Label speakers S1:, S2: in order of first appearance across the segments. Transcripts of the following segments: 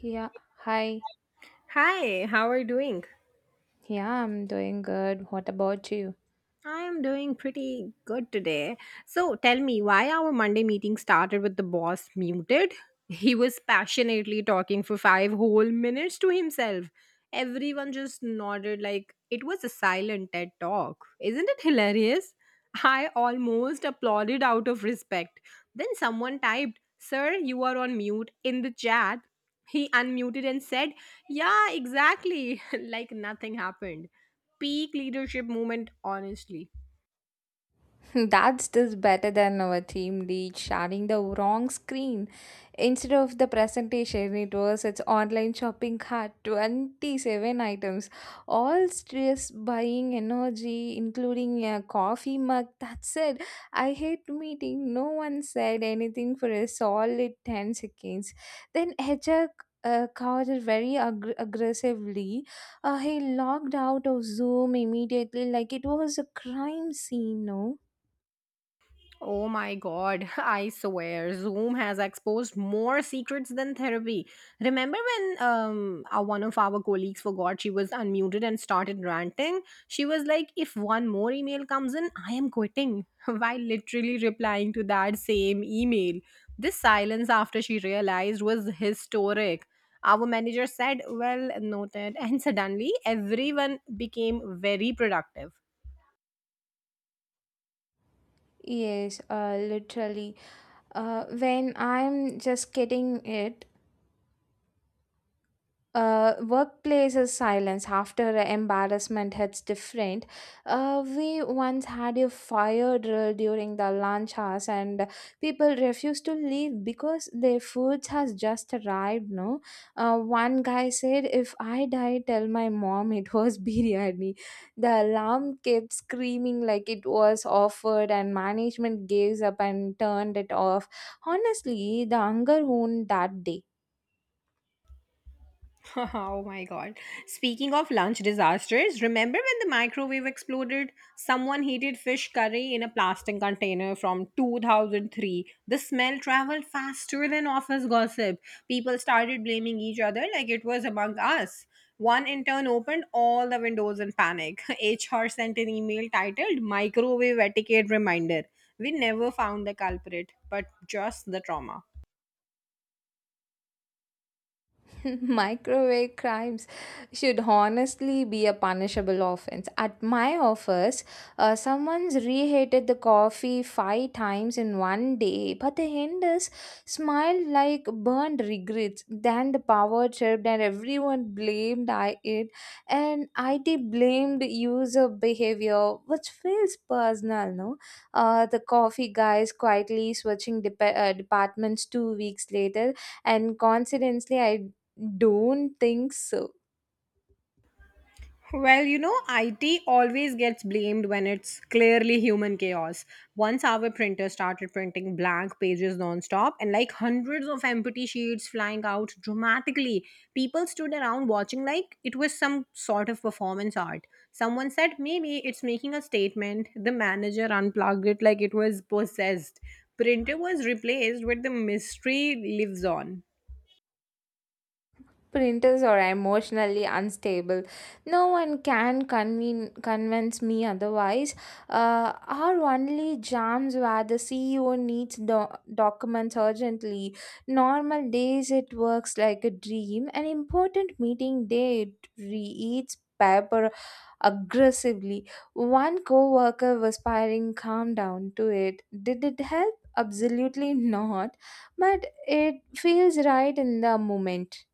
S1: Yeah, hi.
S2: Hi, how are you doing?
S1: Yeah, I'm doing good. What about you?
S2: I am doing pretty good today. So tell me, why our Monday meeting started with the boss muted? He was passionately talking for five whole minutes to himself. Everyone just nodded like it was a silent TED talk. Isn't it hilarious? I almost applauded out of respect. Then someone typed, Sir, you are on mute in the chat. He unmuted and said, Yeah, exactly, like nothing happened. Peak leadership moment, honestly.
S1: That's still better than our team lead sharing the wrong screen. Instead of the presentation, it was its online shopping cart, 27 items, all stress buying energy, including a coffee mug. That's it. I hate meeting. No one said anything for a solid 10 seconds. Then HR called it very aggressively. He logged out of Zoom immediately, like it was a crime scene, no?
S2: Oh my god, I swear, Zoom has exposed more secrets than therapy. Remember when one of our colleagues forgot she was unmuted and started ranting? She was like, If one more email comes in, I am quitting, while literally replying to that same email. This silence after she realized was historic. Our manager said, Well noted, and suddenly everyone became very productive.
S1: Yes, literally. When I'm just getting it, workplaces silence after embarrassment hits different. We once had a fire drill during the lunch hours, and people refused to leave because their foods has just arrived. No, one guy said, "If I die, tell my mom it was biryani." The alarm kept screaming like it was offered, and management gave up and turned it off. Honestly, the hunger won that day.
S2: Oh my god. Speaking of lunch disasters, remember when the microwave exploded? Someone heated fish curry in a plastic container from 2003. The smell traveled faster than office gossip. People started blaming each other like it was among us. One intern opened all the windows in panic. HR sent an email titled Microwave Etiquette Reminder. We never found the culprit, but just the trauma.
S1: Microwave crimes should honestly be a punishable offense. At my office, someone's reheated the coffee five times in one day, but the end smiled like burned regrets. Then the power tripped, and everyone blamed I it, and IT blamed user behavior, which feels personal, no? The coffee guys quietly switching departments two weeks later and coincidentally I don't think so.
S2: Well, you know, IT always gets blamed when it's clearly human chaos. Once our printer started printing blank pages nonstop, and like hundreds of empty sheets flying out dramatically, people stood around watching like it was some sort of performance art. Someone said maybe it's making a statement. The manager unplugged it like it was possessed. Printer was replaced, but the mystery lives on.
S1: Printers are emotionally unstable. No one can convince me otherwise. Are only jams where the CEO needs documents urgently. Normal days it works like a dream. An important meeting day it reads paper aggressively. One coworker was firing calm down to it. Did it help? Absolutely not. But it feels right in the moment.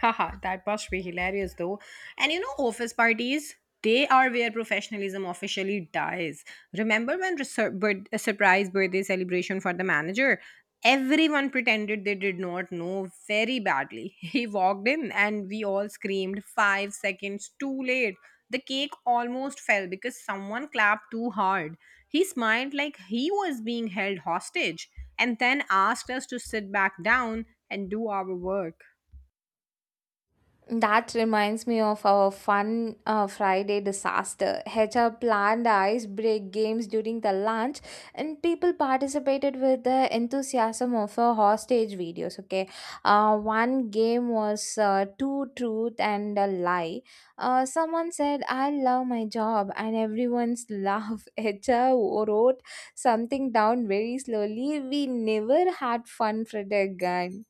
S2: Haha, that must be hilarious though. And you know, office parties, they are where professionalism officially dies. Remember when a surprise birthday celebration for the manager? Everyone pretended they did not know very badly. He walked in and we all screamed 5 seconds too late. The cake almost fell because someone clapped too hard. He smiled like he was being held hostage and then asked us to sit back down and do our work.
S1: That reminds me of our fun Friday disaster. HR planned ice break games during the lunch, and people participated with the enthusiasm of a hostage videos. Okay, one game was two truth and a lie. Someone said, "I love my job," and everyone's laugh. HR wrote something down very slowly. We never had fun, Friday again.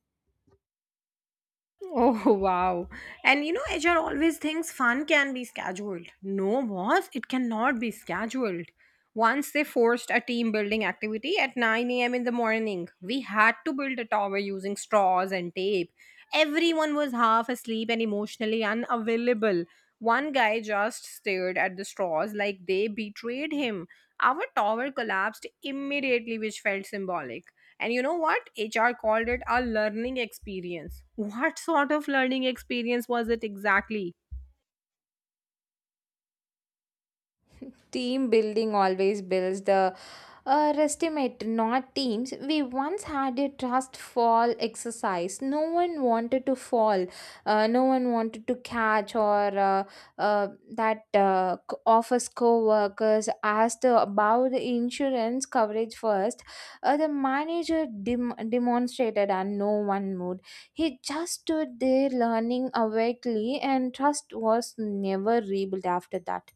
S2: Oh wow. And you know, HR always thinks fun can be scheduled. No, boss, it cannot be scheduled. Once they forced a team building activity at 9 a.m. in the morning, we had to build a tower using straws and tape. Everyone was half asleep and emotionally unavailable. One guy just stared at the straws like they betrayed him. Our tower collapsed immediately, which felt symbolic. And you know what? HR called it a learning experience. What sort of learning experience was it exactly?
S1: Team building always builds the estimate, not teams. We once had a trust fall exercise. No one wanted to fall. No one wanted to catch or uh, that office co-workers asked about the insurance coverage first. The manager demonstrated and no one moved. He just stood there learning awakely and trust was never rebuilt after that.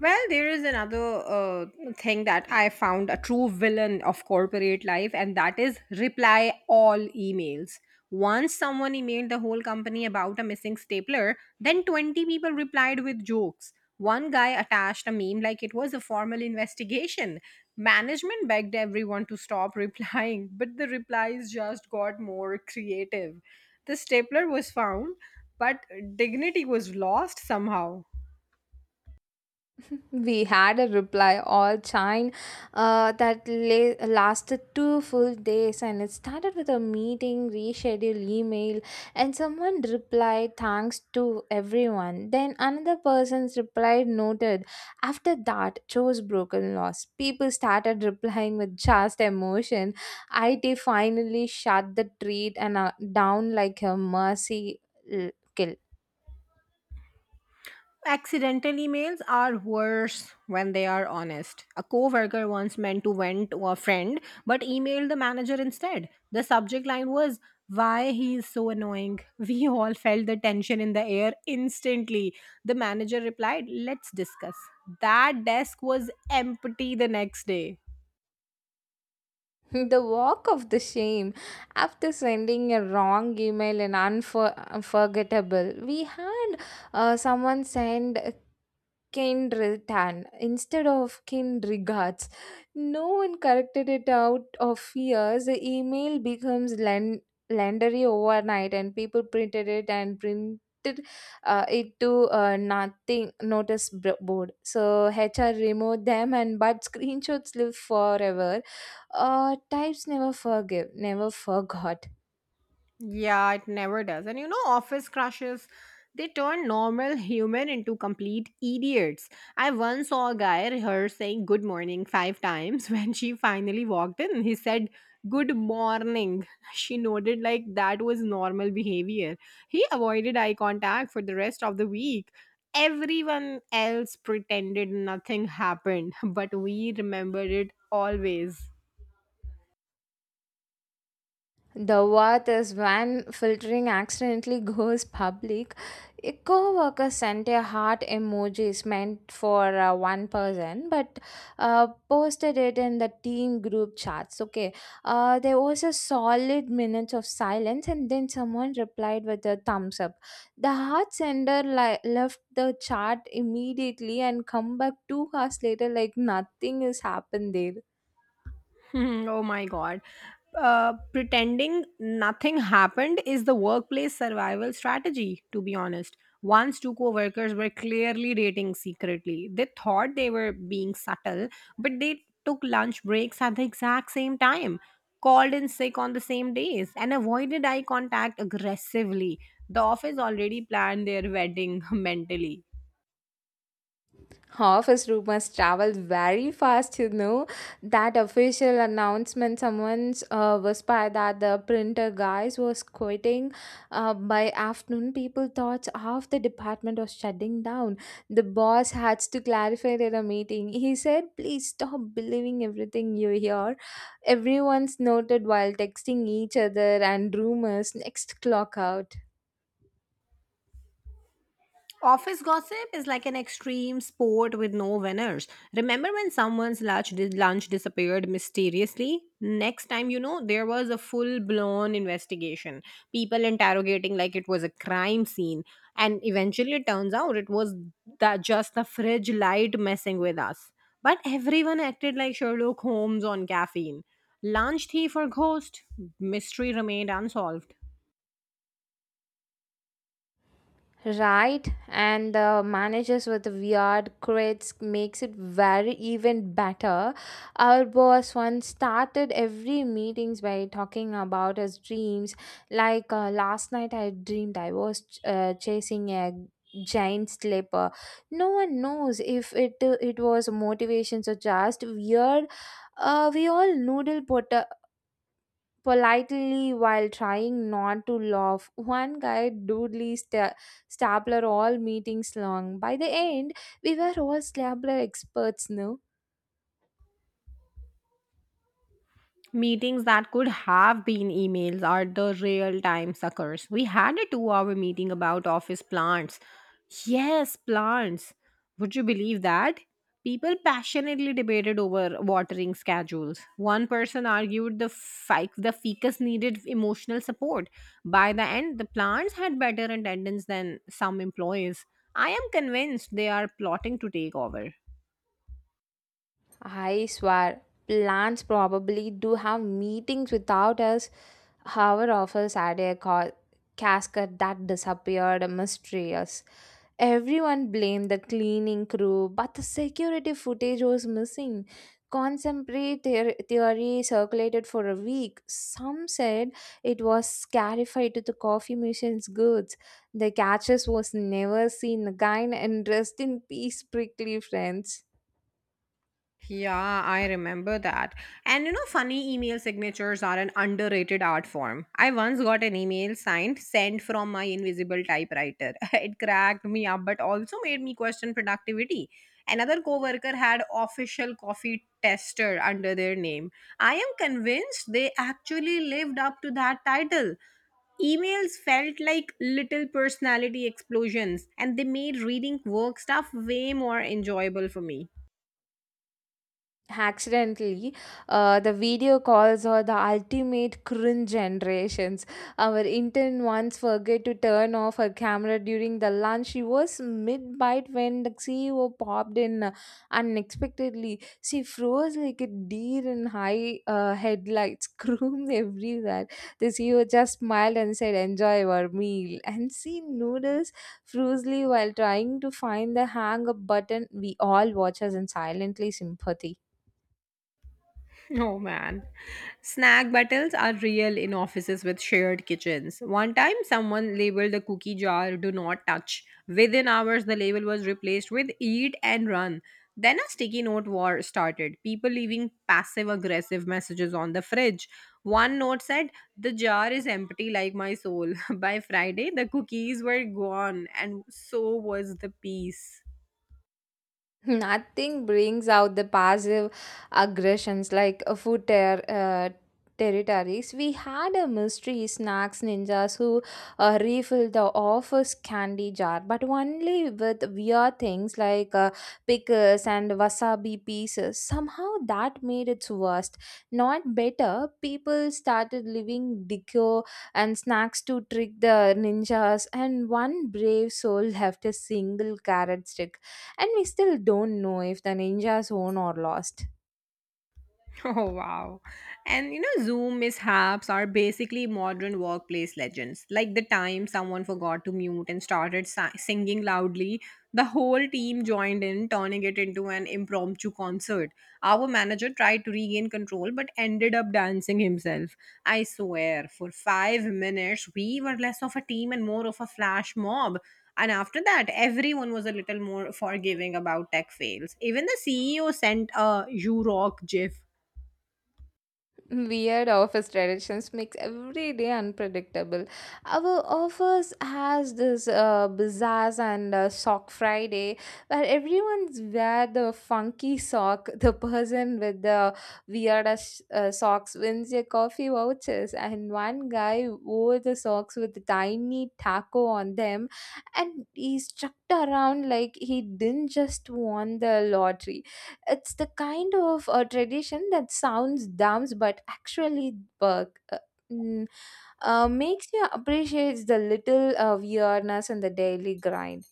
S2: Well, there is another uh, thing that I found a true villain of corporate life, and that is reply all emails. Once someone emailed the whole company about a missing stapler, then 20 people replied with jokes. One guy attached a meme like it was a formal investigation. Management begged everyone to stop replying, but the replies just got more creative. The stapler was found, but dignity was lost somehow.
S1: We had a reply all chain. That lasted two full days and it started with a meeting, reschedule email, and someone replied thanks to everyone. Then another person's reply noted after that chose broken loss. People started replying with just emotion. IT finally shut the tweet and down like a mercy kill.
S2: Accidental emails are worse when they are honest. A coworker once meant to vent to a friend but emailed the manager instead. The subject line was why he is so annoying. We all felt the tension in the air instantly. The manager replied, "Let's discuss." That desk was empty the next day.
S1: The walk of the shame. After sending a wrong email and unforgettable, we had someone send kind return instead of kind regards. No one corrected it out of fears. The email becomes legendary overnight, and people printed it and printed it to nothing notice board. So HR removed them, and but screenshots live forever types never forgive, never forgot.
S2: Yeah, it never does. And you know, office crushes, they turn normal human into complete idiots. I once saw a guy rehearse saying good morning five times. When she finally walked in, he said good morning. She nodded like that was normal behavior. He avoided eye contact for the rest of the week. Everyone else pretended nothing happened, but we remembered it always.
S1: The worth is when filtering accidentally goes public. A co-worker sent a heart emojis meant for one person, but posted it in the team group chats. Okay, there was a solid minutes of silence, and then someone replied with a thumbs up. The heart sender left the chat immediately and come back two hours later like nothing has happened there.
S2: Hmm, oh my god. Pretending nothing happened is the workplace survival strategy, to be honest. Once two co workers were clearly dating secretly. They thought they were being subtle, but they took lunch breaks at the exact same time, called in sick on the same days, and avoided eye contact aggressively. The office already planned their wedding mentally.
S1: Office rumors travel very fast, you know. That official announcement someone's whispered that the printer guys was quitting. By afternoon, people thought half the department was shutting down. The boss had to clarify at a meeting. He said, "Please stop believing everything you hear." Everyone's noted while texting each other and rumors next clock out.
S2: Office gossip is like an extreme sport with no winners. Remember when someone's lunch disappeared mysteriously? Next time, you know, there was a full blown investigation. People interrogating like it was a crime scene. And eventually, it turns out it was that just the fridge light messing with us. But everyone acted like Sherlock Holmes on caffeine. Lunch thief or ghost? Mystery remained unsolved.
S1: Right, and the managers with the weird quirks makes it very even better. Our boss once started every meetings by talking about his dreams. Like last night, I dreamed I was chasing a giant slipper. No one knows if it was motivations or just weird. We all noodle pot politely while trying not to laugh. One guy doodly stapler all meetings long. By the end, we were all stapler experts, no?
S2: Meetings that could have been emails are the real time suckers. We had a 2 hour meeting about office plants. Yes, plants. Would you believe that? People passionately debated over watering schedules. One person argued the ficus needed emotional support. By the end, the plants had better attendance than some employees. I am convinced they are plotting to take over.
S1: I swear, plants probably do have meetings without us. Our office had a casket that disappeared mysterious. Everyone blamed the cleaning crew, but the security footage was missing. Contemporary theory circulated for a week. Some said it was scarified to the coffee machine's goods. The catches was never seen again and rest in peace, prickly friends.
S2: Yeah, I remember that. And you know, funny email signatures are an underrated art form. I once got an email signed sent from my invisible typewriter. It cracked me up, but also made me question productivity. Another coworker had official coffee tester under their name. I am convinced they actually lived up to that title. Emails felt like little personality explosions, and they made reading work stuff way more enjoyable for me.
S1: Accidentally the video calls are the ultimate cringe generations. Our intern once forget to turn off her camera during the lunch. She was mid bite when the CEO popped in unexpectedly. She froze like a deer in high headlights, screamed everywhere. The CEO just smiled and said enjoy your meal, and she noodles froozly while trying to find the hang up button. We all watch us in silently sympathy.
S2: Oh man. Snack battles are real in offices with shared kitchens. One time, someone labeled the cookie jar do not touch. Within hours, the label was replaced with eat and run. Then a sticky note war started. People leaving passive aggressive messages on the fridge. One note said, The jar is empty like my soul. By Friday, the cookies were gone, and so was the peace.
S1: Nothing brings out the passive aggressions like a food territories. We had a mystery snacks ninjas who refill the office candy jar, but only with weird things like pickles and wasabi pieces. Somehow that made it worst. Not better. People started leaving decor and snacks to trick the ninjas, and one brave soul left a single carrot stick and we still don't know if the ninjas won or lost.
S2: Oh wow. And you know, Zoom mishaps are basically modern workplace legends. Like the time someone forgot to mute and started singing loudly, the whole team joined in, turning it into an impromptu concert. Our manager tried to regain control but ended up dancing himself. I swear, for 5 minutes, we were less of a team and more of a flash mob. And after that, everyone was a little more forgiving about tech fails. Even the CEO sent a You Rock GIF.
S1: Weird office traditions makes every day unpredictable. Our office has this bazaars and sock Friday where everyone's wear the funky sock. The person with the weirdest socks wins your coffee vouchers, and one guy wore the socks with a tiny taco on them, and he struck around like he didn't just won the lottery. It's the kind of tradition that sounds dumb but actually work. Mm, Makes you appreciate the little weirdness in the daily grind.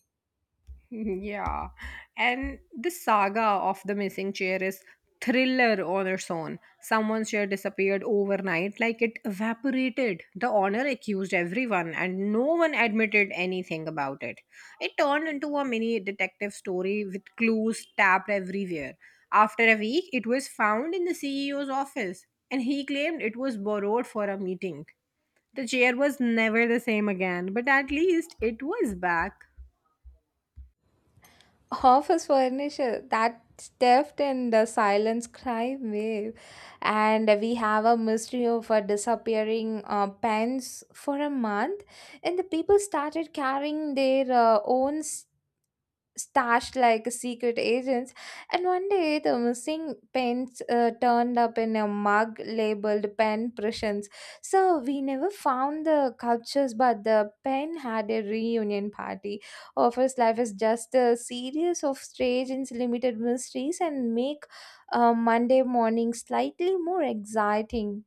S2: Yeah, and the saga of the missing chair is thriller on its own. Someone's chair disappeared overnight, like it evaporated. The owner accused everyone, and no one admitted anything about it. It turned into a mini detective story with clues tapped everywhere. After a week, it was found in the CEO's office, and he claimed it was borrowed for a meeting. The chair was never the same again, but at least it was back.
S1: Office furniture, that theft in the silence crime wave. And we have a mystery of a disappearing pens for a month. And the people started carrying their own stashed like secret agents. And one day, the missing pens turned up in a mug labeled pen pressions. So we never found the cultures, but the pen had a reunion party. Office life is just a series of strange and limited mysteries and make Monday morning slightly more exciting.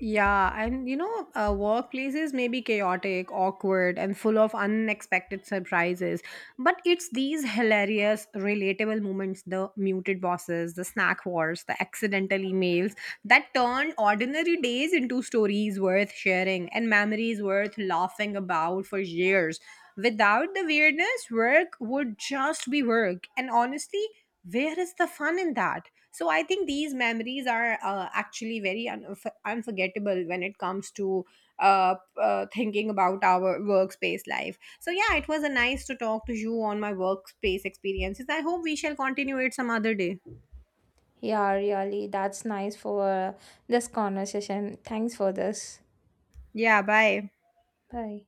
S2: Yeah, and you know, workplaces may be chaotic, awkward, and full of unexpected surprises. But it's these hilarious, relatable moments the muted bosses, the snack wars, the accidental emails that turn ordinary days into stories worth sharing and memories worth laughing about for years. Without the weirdness, work would just be work. And honestly, where is the fun in that? So I think these memories are actually very unforgettable when it comes to uh, thinking about our workspace life. So yeah, it was a nice to talk to you on my workspace experiences. I hope we shall continue it some other day.
S1: Yeah, really, that's nice for this conversation. Thanks for this.
S2: Yeah, bye.
S1: Bye.